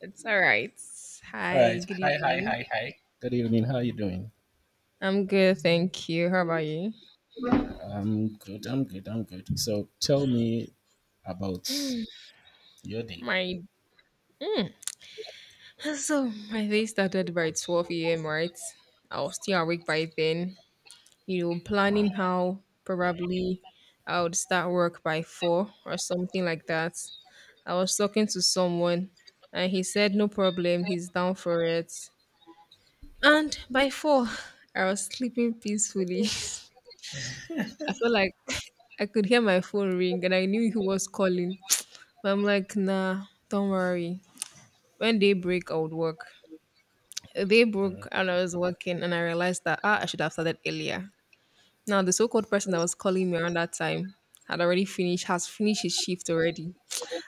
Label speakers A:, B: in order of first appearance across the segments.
A: It's all right.
B: All
A: Hi,
B: right.
A: good
B: Hi, hi,
A: evening.
B: hi, hi. Good evening. How are you doing?
A: I'm good, thank you. How about you?
B: I'm good. So tell me about your day.
A: My mm. So my day started by 12 a.m. Right, I was still awake by then.
B: Wow.
A: Planning how probably I would start work by 4 or something like that. I was talking to someone, and he said no problem, he's down for it. And by 4, I was sleeping peacefully. I felt like I could hear my phone ring and I knew he was calling. But I'm like, nah, don't worry. When they break, I would work. They
B: Uh,
A: broke and I was working and I realized that I should have started earlier. Now the so-called person that was calling me around that time had already finished, has finished his shift already.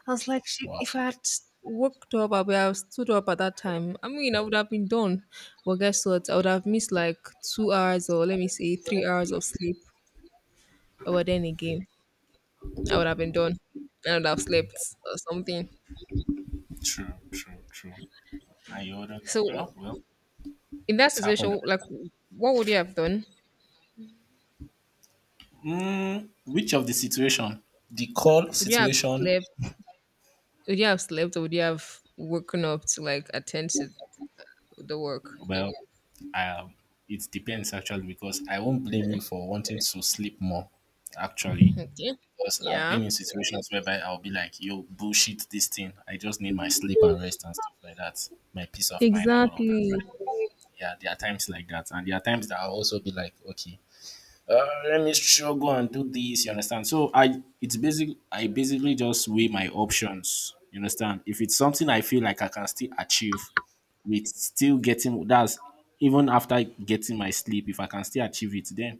A: I was like, "Shit,
B: wow.
A: if I had worked up, I would have stood up at that time. I mean, I would have been done. But guess what? I would have missed like 2 hours or let me say 3 hours of sleep. But then again, I would have been done. I would have slept or something.
B: True, true, true. And you wouldn't.
A: So
B: Well,
A: in that
B: it's happened.
A: situation, like what would you have done?
B: Which of the situation? The call
A: Would you have
B: situation?
A: slept? Would you have slept, or would you have woken up to like attend to the work?
B: Well, um, it depends actually because I won't blame you for wanting to sleep more actually.
A: Okay.
B: Because I've
A: Yeah.
B: been in situations whereby I'll be like, yo, bullshit this thing. I just need my sleep and rest and stuff like that. My peace of mind and all of that,
A: Exactly.
B: right? Yeah, there are times like that. And there are times that I'll also be like, okay, let me struggle and do this, you understand? So I it's basic. I basically just weigh my options. You understand? If it's something I feel like I can still achieve with still getting that's even after getting my sleep, if I can still achieve it, then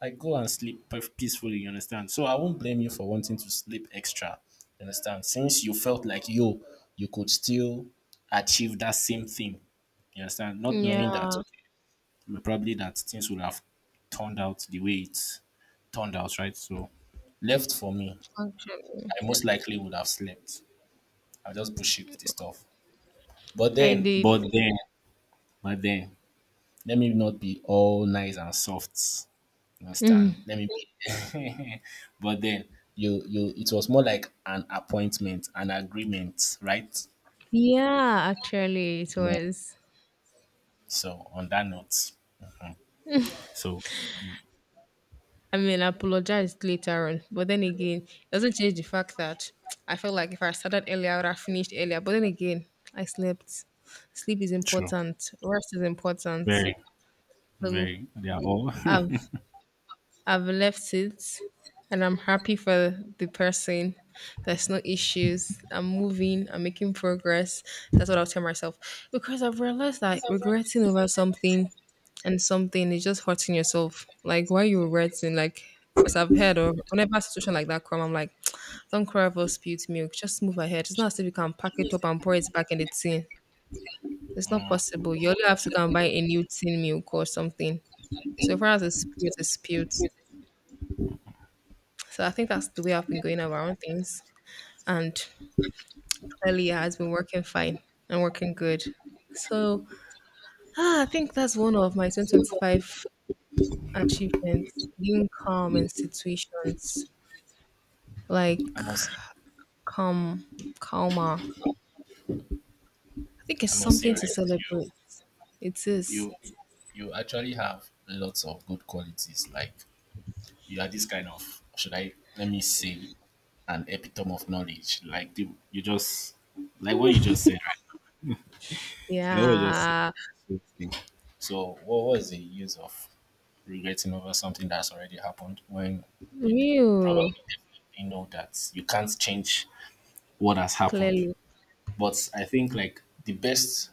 B: I go and sleep peacefully, you understand? So I won't blame you for wanting to sleep extra, you understand? Since you felt like yo, you could still achieve that same thing, you understand? Not knowing that
A: Yeah.
B: okay, probably that things would have turned out the way it turned out, right? So left for me,
A: Actually,
B: I most likely would have slept. I just bullshit the stuff. But
A: I
B: then,
A: did.
B: but then, but then, let me not be all nice and soft.
A: Mhm.
B: Understand? Let me play. But then you, it was more like an appointment, an agreement, right?
A: Yeah, actually, it
B: Mm.
A: was.
B: So on that note, so, mm,
A: I mean, I apologized later on, but then again, it doesn't change the fact that I felt like if I started earlier, I would have finished earlier. But then again, I slept. Sleep is
B: true,
A: important. Rest is important.
B: very,
A: So
B: very. They are all.
A: I've I've left it and I'm happy for the person. There's no issues. I'm moving. I'm making progress. That's what I'll tell myself. Because I've realized that regretting over something and something is just hurting yourself. Like, why are you regretting? Like, as I've heard, or whenever a situation like that come, I'm like, don't cry over spilled milk. Just move ahead. It's not as if you can pack it up and pour it back in the tin. It's not possible. You only have to go and buy a new tin milk or something. So far as it's spilled, it's spilled. So I think that's the way I've been going around things. And clearly it has been working fine and working good. So I think that's one of my 2025 achievements. Being calm in situations like
B: I must say,
A: calm, calmer. I think it's
B: I must say,
A: something
B: right?
A: to celebrate. It is.
B: You you actually have lots of good qualities. Like you are this kind of should I let me say an epitome of knowledge. Like the, you just like what you just said, right? Like what you just
A: Yeah.
B: said. Thing. So, what was the use of regretting over something that's already happened when you probably
A: Real.
B: definitely know that you can't change what has happened?
A: Clearly.
B: But I think, like, the best,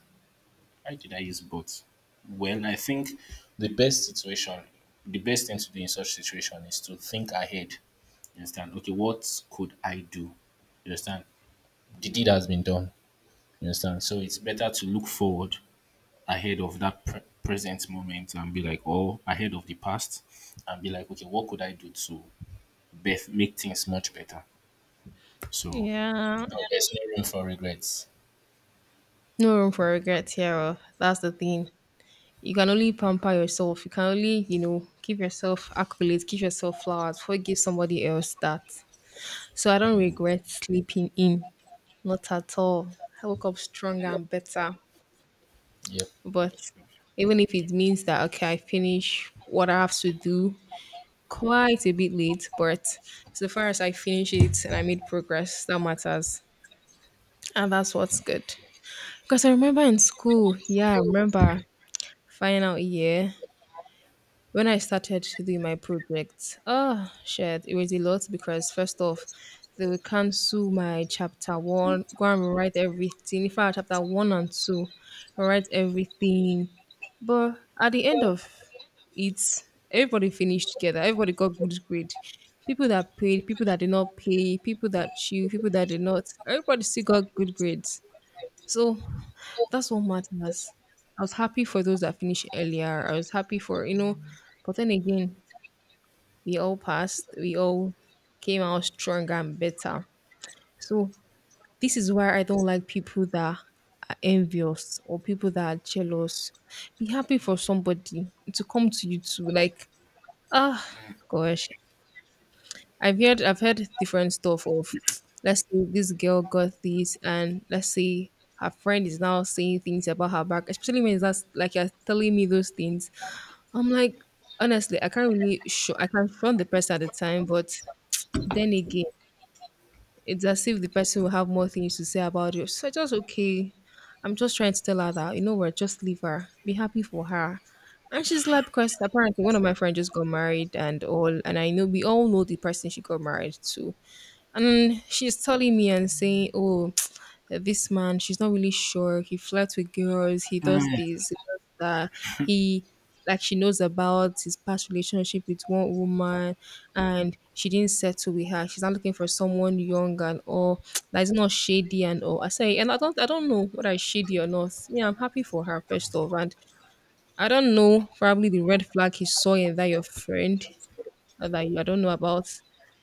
B: why did I use both? Well, I think the best situation, the best thing to do in such situation is to think ahead. You understand? Okay, what could I do? You understand? The deed has been done. You understand? So it's better to look forward ahead of that present moment and be like, oh, ahead of the past and be like, okay, what could I do to make things much better? So no,
A: Yeah.
B: there's no room for regrets.
A: No room for regret here. Oh, that's the thing. You can only pamper yourself. You can only, you know, give yourself accolades, give yourself flowers before you give somebody else that. So I don't regret sleeping in, not at all. I woke up stronger and better.
B: Yep.
A: But even if it means that okay, I finish what I have to do quite a bit late, but so far as I finish it and I made progress, that matters, and that's what's good. Because I remember in school, yeah, I remember final year when I started to do my project, oh shit, it was a lot because first off, they will cancel my chapter one, go and write everything. If I had chapter one and two, write everything. But at the end of it, everybody finished together, everybody got good grade. People that paid, people that did not pay, people that chew, people that did not, everybody still got good grades. So that's what matters. I was happy for those that finished earlier. I was happy for, you know, but then again, we all passed, we all came out stronger and better. So this is why I don't like people that are envious or people that are jealous. Be happy for somebody to come to you too. Like, ah, gosh, I've heard different stuff of. Let's say this girl got this, and let's say her friend is now saying things about her back, especially when that's like you're telling me those things. I'm like, honestly, I can't really show, I can't front the person at the time, but then again, it's as if the person will have more things to say about you. So I just okay, I'm just trying to tell her that you know what, just leave her, be happy for her. And she's like, because apparently one of my friends just got married and all, and I know we all know the person she got married to. And she's telling me and saying, oh, this man, she's not really sure. He flirts with girls, he does this, he does that. He like she knows about his past relationship with one woman, and she didn't settle with her. She's not looking for someone young and all, that is not shady and all. I say, and I don't know whether it's shady or not. Yeah, I'm happy for her first of all. And I don't know probably the red flag he saw in that your friend not that you- I don't know about,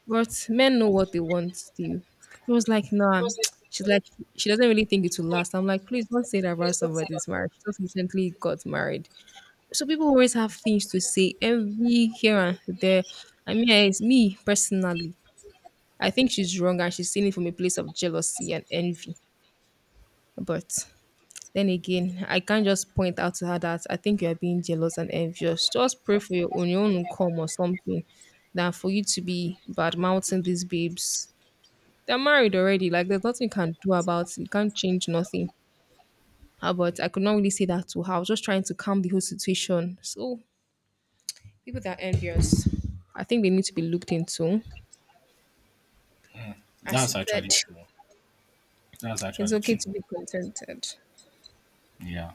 A: but men know what they want still. He was like, nah. She's like, she doesn't really think it will last. I'm like, please don't say that about somebody's marriage. She just recently got married. So people always have things to say every here and there. I mean, eh, it's me personally. I think she's wrong and she's saying it from a place of jealousy and envy. But then again, I can't just point out to her that I think you're being jealous and envious. Just pray for your own will come or something than for you to be bad mouthing these babes. They're married already. Like there's nothing you can do about it. You can't change nothing. Ah, but I could not really say that to her. I was just trying to calm the whole situation. So people that are envious, I think they need to be looked into. As she
B: That's actually
A: said,
B: true. That's
A: it's
B: actually
A: okay
B: true.
A: to be contented.
B: Yeah,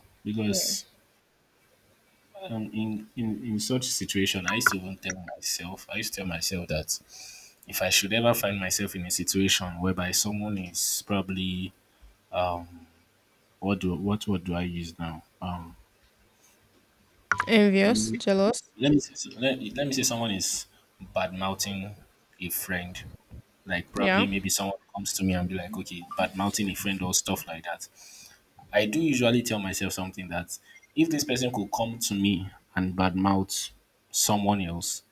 A: Yeah.
B: because in such situation, I used to even tell myself, I used to tell myself that if I should ever find myself in a situation whereby someone is probably what do I use now?
A: Envious, jealous.
B: Let me say, so, let me say someone is bad mouthing a friend. Like probably
A: Yeah.
B: maybe someone comes to me and be like, okay, bad mouthing a friend or stuff like that. I do usually tell myself something that if this person could come to me and bad mouth someone else,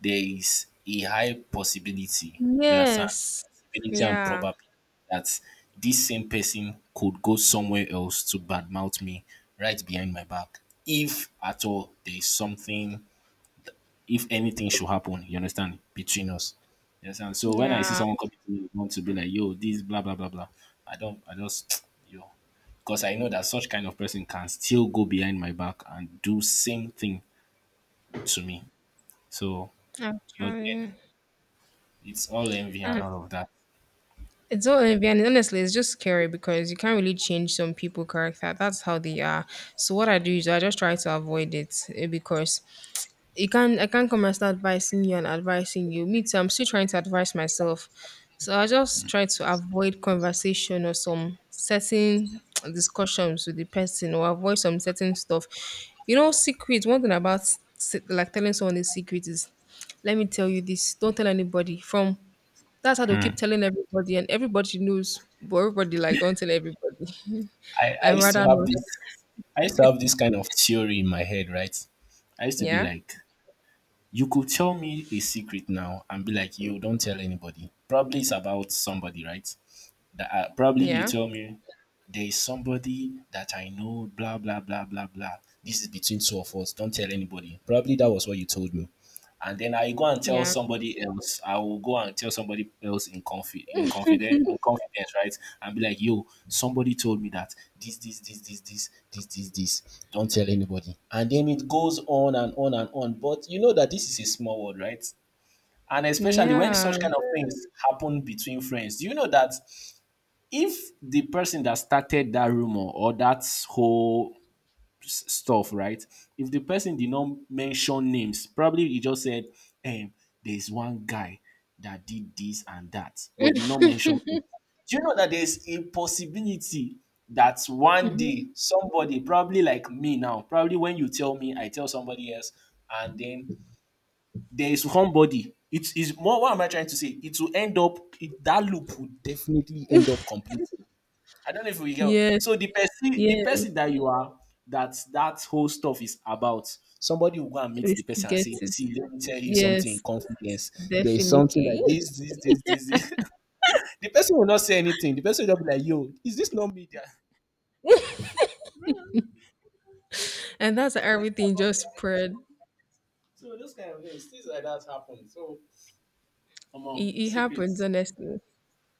B: there is a high possibility, you understand?
A: Yes.
B: Possibility and
A: Yeah.
B: probability that this same person could go somewhere else to badmouth me right behind my back. If at all there is something, if anything should happen, you understand, between us. You understand? So when I see
A: Yeah,
B: someone coming to me, with want to be like, yo, this blah blah blah blah. I don't I just yo. Because I know that such kind of person can still go behind my back and do same thing to me. So but then
A: actually,
B: it's all envy and
A: uh,
B: all of that.
A: it's all and honestly, it's just scary because you can't really change some people' character. That's how they are. So what I do is I just try to avoid it eh, because you can't. I can't come and start advising you and advising you. Me too. I'm still trying to advise myself. So I just try to avoid conversation or some certain discussions with the person or avoid some certain stuff. You know, secrets. One thing about like telling someone a secret is, let me tell you this. Don't tell anybody. From that's how they keep
B: Hmm.
A: telling everybody, and everybody knows, but everybody like don't tell everybody.
B: I, I
A: I
B: used to
A: rather
B: have
A: not.
B: this I used to have this kind of theory in my head, right? I used to be
A: Yeah,
B: like, you could tell me a secret now and be like, yo, don't tell anybody. Probably it's about somebody, right? That probably you
A: yeah,
B: tell me there is somebody that I know, blah blah blah blah blah. This is between two of us. Don't tell anybody. Probably that was what you told me. And then I go and tell
A: yeah,
B: somebody else. I will go and tell somebody else in confidence in confidence, right? And be like, yo, somebody told me that this, this, this, this, this, this, this, this. Don't tell anybody. And then it goes on and on and on. But you know that this is a small world, right? And especially when
A: yeah.
B: such kind of things happen between friends, do you know that if the person that started that rumor or that whole stuff, right? If the person did not mention names, probably he just said, um, there's one guy that did this and that, but did not mention him. Do you know that there's a possibility that one day
A: Mhm.
B: somebody, probably like me now, probably when you tell me, I tell somebody else, and then there is somebody. It is more. What am I trying to say? It will end up. That loop will definitely end up completely. I don't know if we go.
A: Yes,
B: So the person the
A: yes.
B: person that you are that that whole stuff is about. Somebody will go and meet
A: We
B: the
A: still
B: person and
A: get
B: say,
A: it.
B: "See, let me tell you something in
A: Yes,
B: confidence. There is something
A: definitely.
B: like this, this, this, this." The person will not say anything. The person will just be like, "Yo, is this not me?" There, it's me.
A: And that's
B: They
A: how
B: are talking
A: everything
B: about me.
A: just spread.
B: So those kind of things, things like that happen. So, come on,
A: It happens
B: secrets.
A: honestly.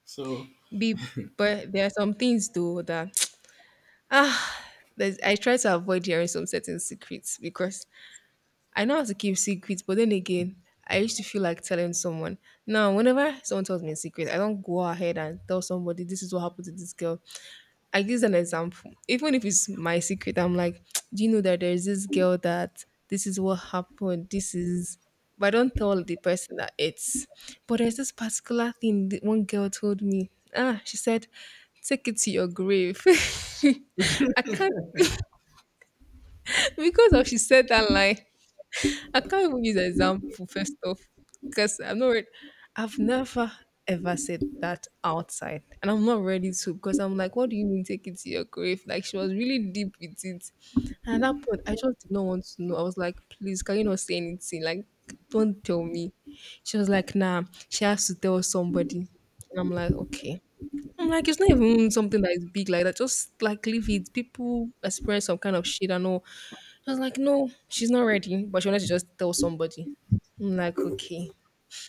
B: So,
A: Be but there are some things though that ah, I try to avoid hearing some certain secrets because I know how to keep secrets, but then again, I used to feel like telling someone. Now, whenever someone tells me a secret, I don't go ahead and tell somebody this is what happened to this girl. I give an example. Even if it's my secret, I'm like, do you know that there's this girl that this is what happened? This is but I don't tell the person that it's but there's this particular thing that one girl told me. Ah, she said, take it to your grave. I can't because of she said that line. I can't even use an example first off because I'm not. Ready. I've never ever said that outside, and I'm not ready to because I'm like, what do you mean take it to your grave? Like she was really deep with it, and at that point, I just did not want to know. I was like, please, can you not say anything? Like, don't tell me. She was like, nah, she has to tell somebody, and I'm like, okay. I'm like, it's not even something that is big like that. Just like leave it. People experience some kind of shit and all. I was like, no, she's not ready, but she wanted to just tell somebody. I'm like, okay,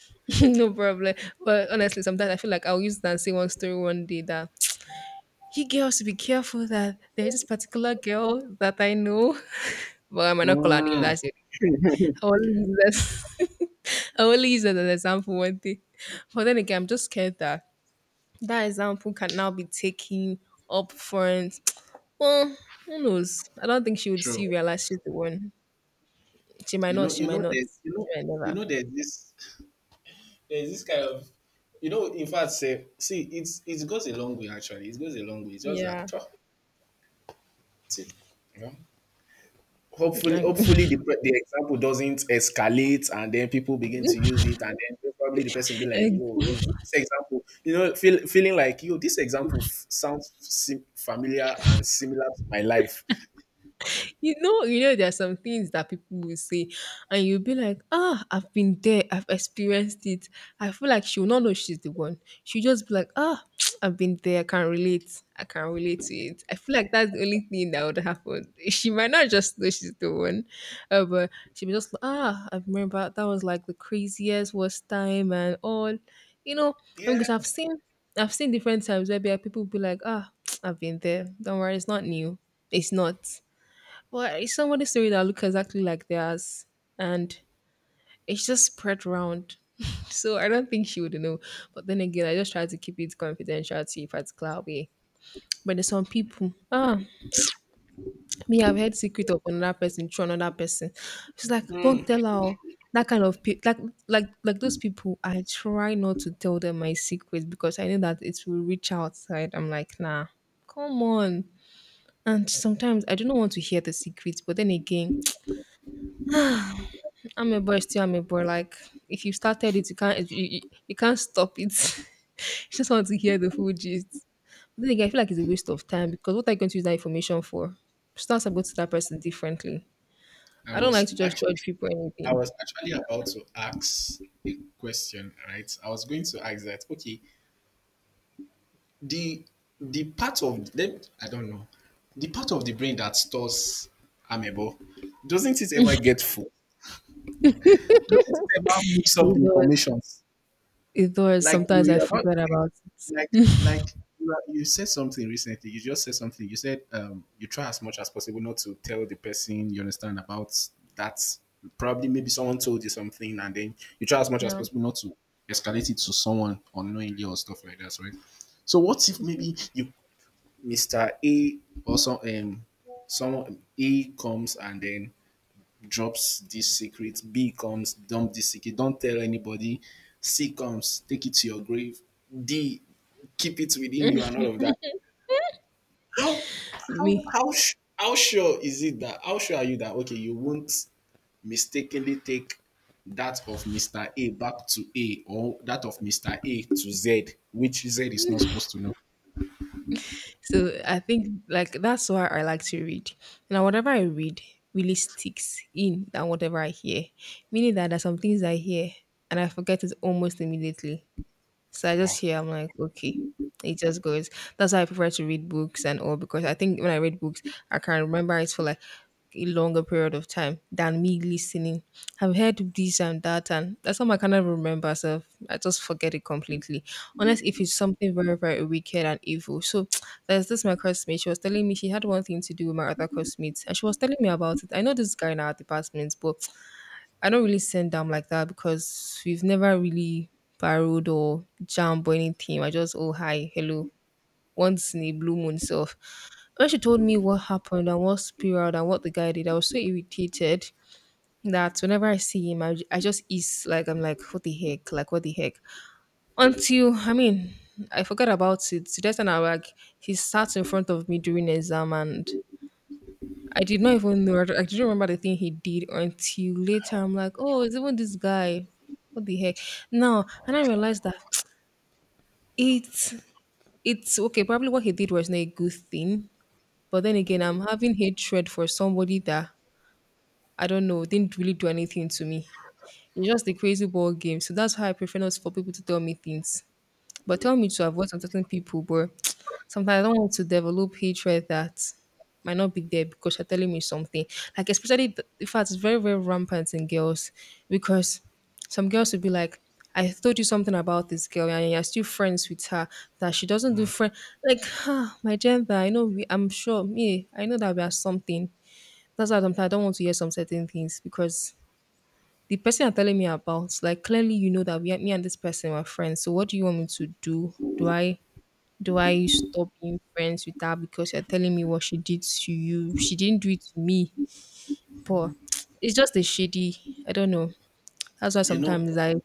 A: no problem. But honestly, sometimes I feel like I'll use that and say one story one day that you girls should be careful that there's this particular girl that I know, but I might not call her name.
B: mm,
A: That's it. I will use that. I will use that as an example one day. But then again, I'm just scared that that example can now be taken up front. Well, who knows? I don't think she would
B: true.
A: see realize she's the one. She might not, she
B: You know
A: might not.
B: that
A: She might
B: you
A: never.
B: know there's this kind of you know in fact say see it's it goes a long way actually, it goes a long way, it's just that
A: Yeah.
B: tough, you know, hopefully,
A: Like,
B: hopefully the, the example doesn't escalate and then people begin to use it and then probably the person be like yo, is this example you know, feeling like yo this example sounds familiar and similar to my life.
A: there are some things that people will say, and you'll be like, ah, I've been there, I've experienced it. I feel like she will not know she's the one. She'll just be like, ah, I've been there, I can relate. I can relate to it. I feel like that's the only thing that would happen. She might not just know she's the one, but she'll be just like, ah, I remember that was like the craziest, worst time, and all. You know, I mean,
B: Yeah,
A: because I've seen different times where people be like, ah, I've been there. Don't worry, it's not new. It's not. Well, it's somebody story that look exactly like theirs, and it's just spread around. So I don't think she would know. But then again, I just try to keep it confidential to if it's cloud way. But there's some people. Ah, me, I've heard secret of another person through another person. She's like, don't tell her. Oh." That kind of people, like those people, I try not to tell them my secrets because I know that it will reach outside. I'm like, nah, come on. And sometimes I do not want to hear the secrets, but then again, I'm Amebo is still I'm a boy. Like if you started it, you can't stop it. You just want to hear the full gist. But then again, I feel like it's a waste of time because what are you going to use that information for? Start go to that person differently.
B: i
A: I don't
B: was
A: like to just
B: actually
A: judge people or
B: I
A: anything.
B: was actually about to ask a question, right? I was going to ask that okay, the the part of them I don't know, the part of the brain that stores amebo, doesn't it ever get full? Doesn't it ever mix up the
A: It does.
B: informations?
A: It does.
B: Like you
A: Sometimes I
B: you about
A: forget about it.
B: like like you, are, you said something recently. You just said something. You said you try as much as possible not to tell the person, you understand, about that. Probably maybe someone told you something and then you try as much as
A: Yeah.
B: possible not to escalate it to someone unknowingly or stuff like that, right? So what if maybe you Mr. A or some someone A comes and then drops this secret. B comes, dump this secret. Don't tell anybody. C comes, take it to your grave. D, keep it within you and all of that. How how
A: Me.
B: how sh- how sure is it that how sure are you that okay you won't mistakenly take that of Mr. A back to A or that of Mr. A to Z, which Z is not supposed to know.
A: So I think like that's why I like to read. Now whatever I read really sticks in than whatever I hear. Meaning that there's some things I hear and I forget it almost immediately. So I just
B: Wow.
A: hear, I'm like, okay, it just goes. That's why I prefer to read books and all because I think when I read books, I can remember it for like a longer period of time than me listening. I've heard this and that, and that's how I cannot remember. So I just forget it completely, unless if it's something very, very wicked and evil. So there's this my classmate. She was telling me she had one thing to do with my other classmates, and she was telling me about it. I know this guy in our department, but I don't really send them like that because we've never really borrowed or jammed or anything. I just, oh, hi, hello. Once in a blue moon self. When she told me what happened and what spiraled and what the guy did, I was so irritated that whenever I see him, I just is like, I'm like, what the heck? Like, what the heck? Until, I mean, I forgot about it. Today, and I like, he sat in front of me during exam and I did not even know. I didn't remember the thing he did until later. I'm like, oh, it's even this guy. What the heck? No, and I realized that it's it's okay. Probably what he did was not a good thing. But then again, I'm having hatred for somebody that I don't know didn't really do anything to me. It's just a crazy ball game. So that's why I prefer not for people to tell me things. But tell me to avoid some certain people, but sometimes I don't want to develop hatred that might not be there because you're telling me something. Like especially in fact it's very, very rampant in girls because some girls will be like, I told you something about this girl and you're still friends with her that she doesn't do friend like ah, my gender, I know we I'm sure me, I know that we are something. That's why sometimes I don't want to hear some certain things because the person you're telling me about, like clearly you know that me and this person were friends. So what do you want me to do? Do I stop being friends with her because you're telling me what she did to you? She didn't do it to me. But it's just a shady. I don't know. That's why
B: You know,
A: sometimes I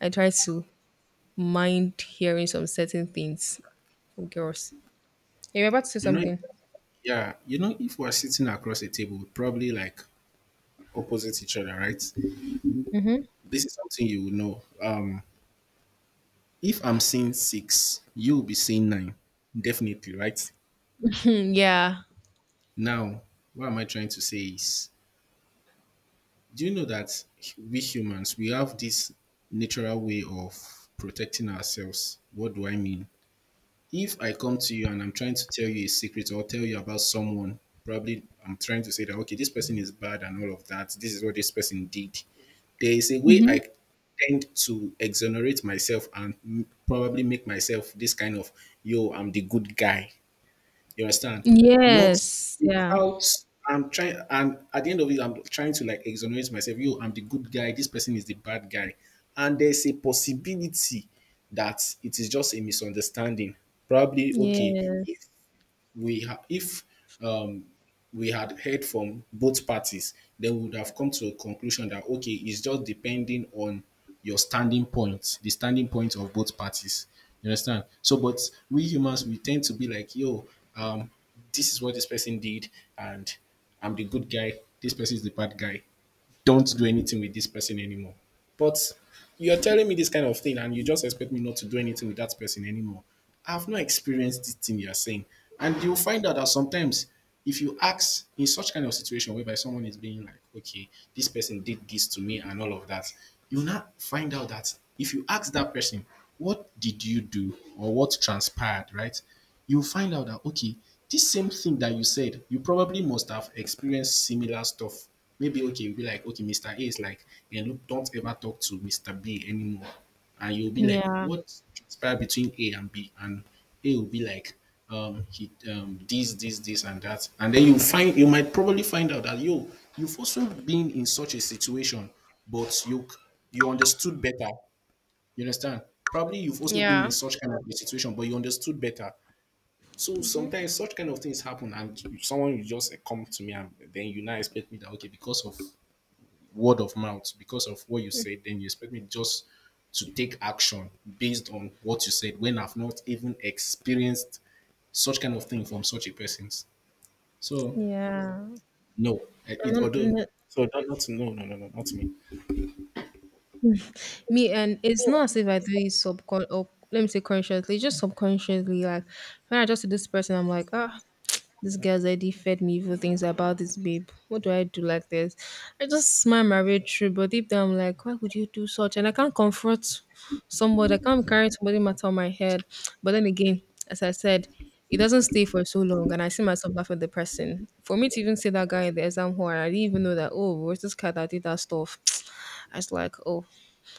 A: I try to mind hearing some certain things from girls. You're about to say
B: you know
A: something.
B: Yeah, you know, if we're sitting across a table, probably like opposite each other, right?
A: Mm-hmm.
B: This is something you will know. If I'm seeing six, you'll be seeing nine, definitely, right?
A: Yeah.
B: Now, what am I trying to say is, do you know that we humans we have this natural way of protecting ourselves? What do I mean? If I come to you and I'm trying to tell you a secret or tell you about someone, probably I'm trying to say that, okay, this person is bad and all of that. This is what this person did. There is a way
A: Mm-hmm.
B: I tend to exonerate myself and probably make myself this kind of, yo, I'm the good guy. You understand? Not
A: Yes. Yeah.
B: without I'm trying and at the end of it, I'm trying to like exonerate myself. You, I'm the good guy, this person is the bad guy. And there's a possibility that it is just a misunderstanding. Probably okay, if
A: Yes.
B: if um, we had heard from both parties, then we would have come to a conclusion that okay, it's just depending on your standing point, the standing point of both parties. You understand? So, but we humans we tend to be like, yo, um, this is what this person did, and I'm the good guy. This person is the bad guy, don't do anything with this person anymore. But you're telling me this kind of thing and you just expect me not to do anything with that person anymore. I've not experienced this thing you're saying. And you'll find out that sometimes if you ask in such kind of situation whereby someone is being like, okay, this person did this to me and all of that, you now find out that if you ask that person, what did you do or what transpired, right? You'll find out that okay, this same thing that you said, you probably must have experienced similar stuff. Maybe okay, you'll be like, okay, Mr. A is like, yeah, look, don't ever talk to Mr. B anymore. And you'll be like,
A: Yeah.
B: what transpired between A and B? And A will be like, he this, this, this, and that. And then you find you might probably find out that yo, you've also been in such a situation, but you understood better. You understand? Probably you've also been in
A: Yeah.
B: such kind of a situation, but you understood better. So sometimes such kind of things happen, and you- someone will just eh, come to me, and then you now expect me that okay, because of word of mouth, because of what you said, then you expect me just to take action based on what you said when I've not even experienced such kind of thing from such a person. So
A: Yeah.
B: no, eh, it
A: And
B: although
A: then-
B: so not, not no no no no not me.
A: me and it's not as if I do it subcon or let me say consciously, just subconsciously. Like when I just see this person, I'm like, ah, this girl's already fed me evil things about this babe. What do I do like this? I just smile my way through, but deep down I'm like, why would you do such? And I can't confront somebody, I can't carry somebody matter on my head. But then again, as I said, it doesn't stay for so long, and I see myself laughing at the person. For me to even see that guy in the exam hall, I didn't even know that, oh, where's this guy that did that stuff? I was like, oh,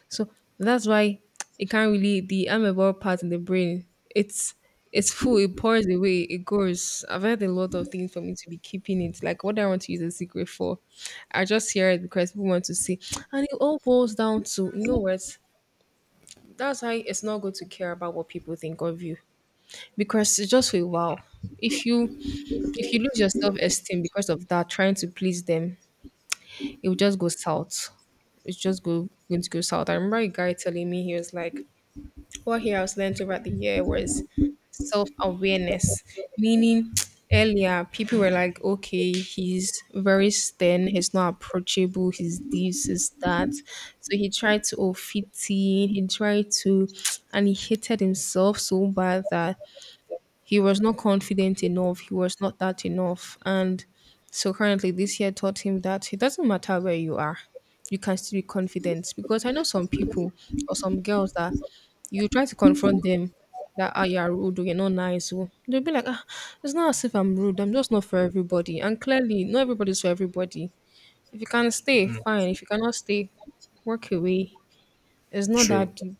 A: so that's why it can't really the amoeba part in the brain. It's full. It pours away. It goes. I've had a lot of things for me to be keeping it. Like what do I want to use a secret for. I just hear it because people want to see, and it all boils down to you know what. That's why it's not good to care about what people think of you because it's just for a while. If you if you lose your self esteem because of that, trying to please them, it will just go south. It's just going to go south. I remember a guy telling me he was like, what here I was learned over the year was self awareness, meaning earlier people were like, okay, he's very stern, he's not approachable, he's this, he's that. So he tried to oh, fit in, he tried to, and he hated himself so bad that he was not confident enough, he was not that enough. And so currently, this year taught him that it doesn't matter where you are, you can still be confident. Because I know some people or some girls that you try to confront them that ah, you're rude or you're not nice. Or, they'll be like, ah, it's not as if I'm rude. I'm just not for everybody. And clearly, not everybody's for everybody. If you can stay, fine. If you cannot stay, work away. It's not
B: True,
A: that deep.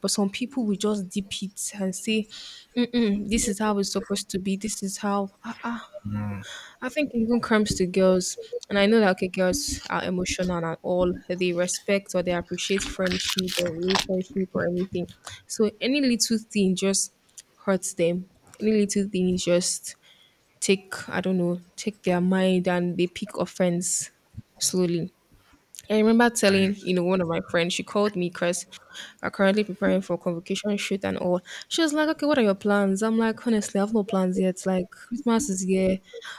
A: But some people will just dip it and say, mm-mm, this is how it's supposed to be. This is how. I think even comes to girls, and I know that okay, girls are emotional and all. They respect or they appreciate friendship or relationship or anything. So any little thing just hurts them. Any little thing just take I don't know, take their mind and they pick offense slowly. I remember
B: I
A: telling, you know, one of my friends, she called me because I'm currently preparing for convocation shoot and all. She was like, okay, what are your plans? I'm like, honestly, I have no plans yet. Like, Christmas is here.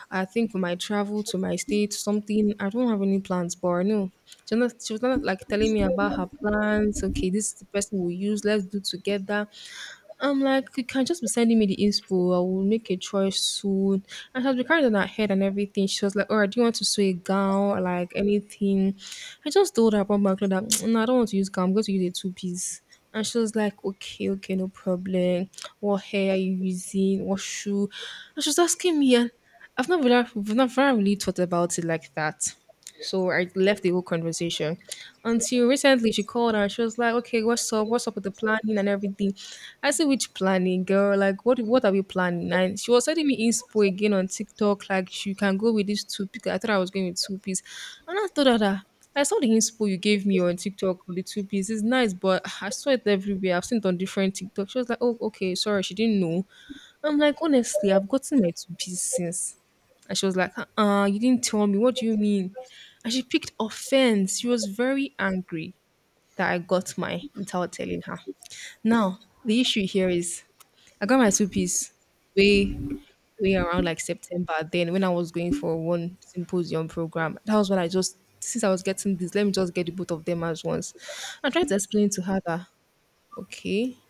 A: I think we might travel to my state, something. I don't have any plans, but no. She was not like telling me about her plans. Okay, this is the person we'll use. Let's do together. I'm like, you can just be sending me the inspo. I will make a choice soon. And she was be carrying it on her head and everything. She was like, all right, do you want to sew a gown or like anything? I just told her about my clothes that no, I don't want to use gown. I'm going to use a two piece. And she was like, okay, okay, no problem. What hair are you using? What shoe? And she was asking me, and I've not really thought about it like that. So I left the whole conversation until recently she called and she was like, okay, what's up? What's up with the planning and everything? I said, which planning, girl? Like, what are we planning? And she was sending me inspo again on TikTok, like, she can go with this two piece. I thought I was going with two piece. And I thought that, ah, I saw the inspo you gave me on TikTok with the two piece. It's nice, but I saw it everywhere. I've seen it on different TikTok. She was like, oh, okay, sorry, she didn't know. I'm like, honestly, I've gotten my two-piece since. And she was like, you didn't tell me. What do you mean? And she picked offense. She was very angry that I got mine without telling her. Now, the issue here is I got my two-piece way, way around like September. Then when I was going for one symposium program, that was when I just since I was getting this, let me just get the both of them as once. I tried to explain to her that okay,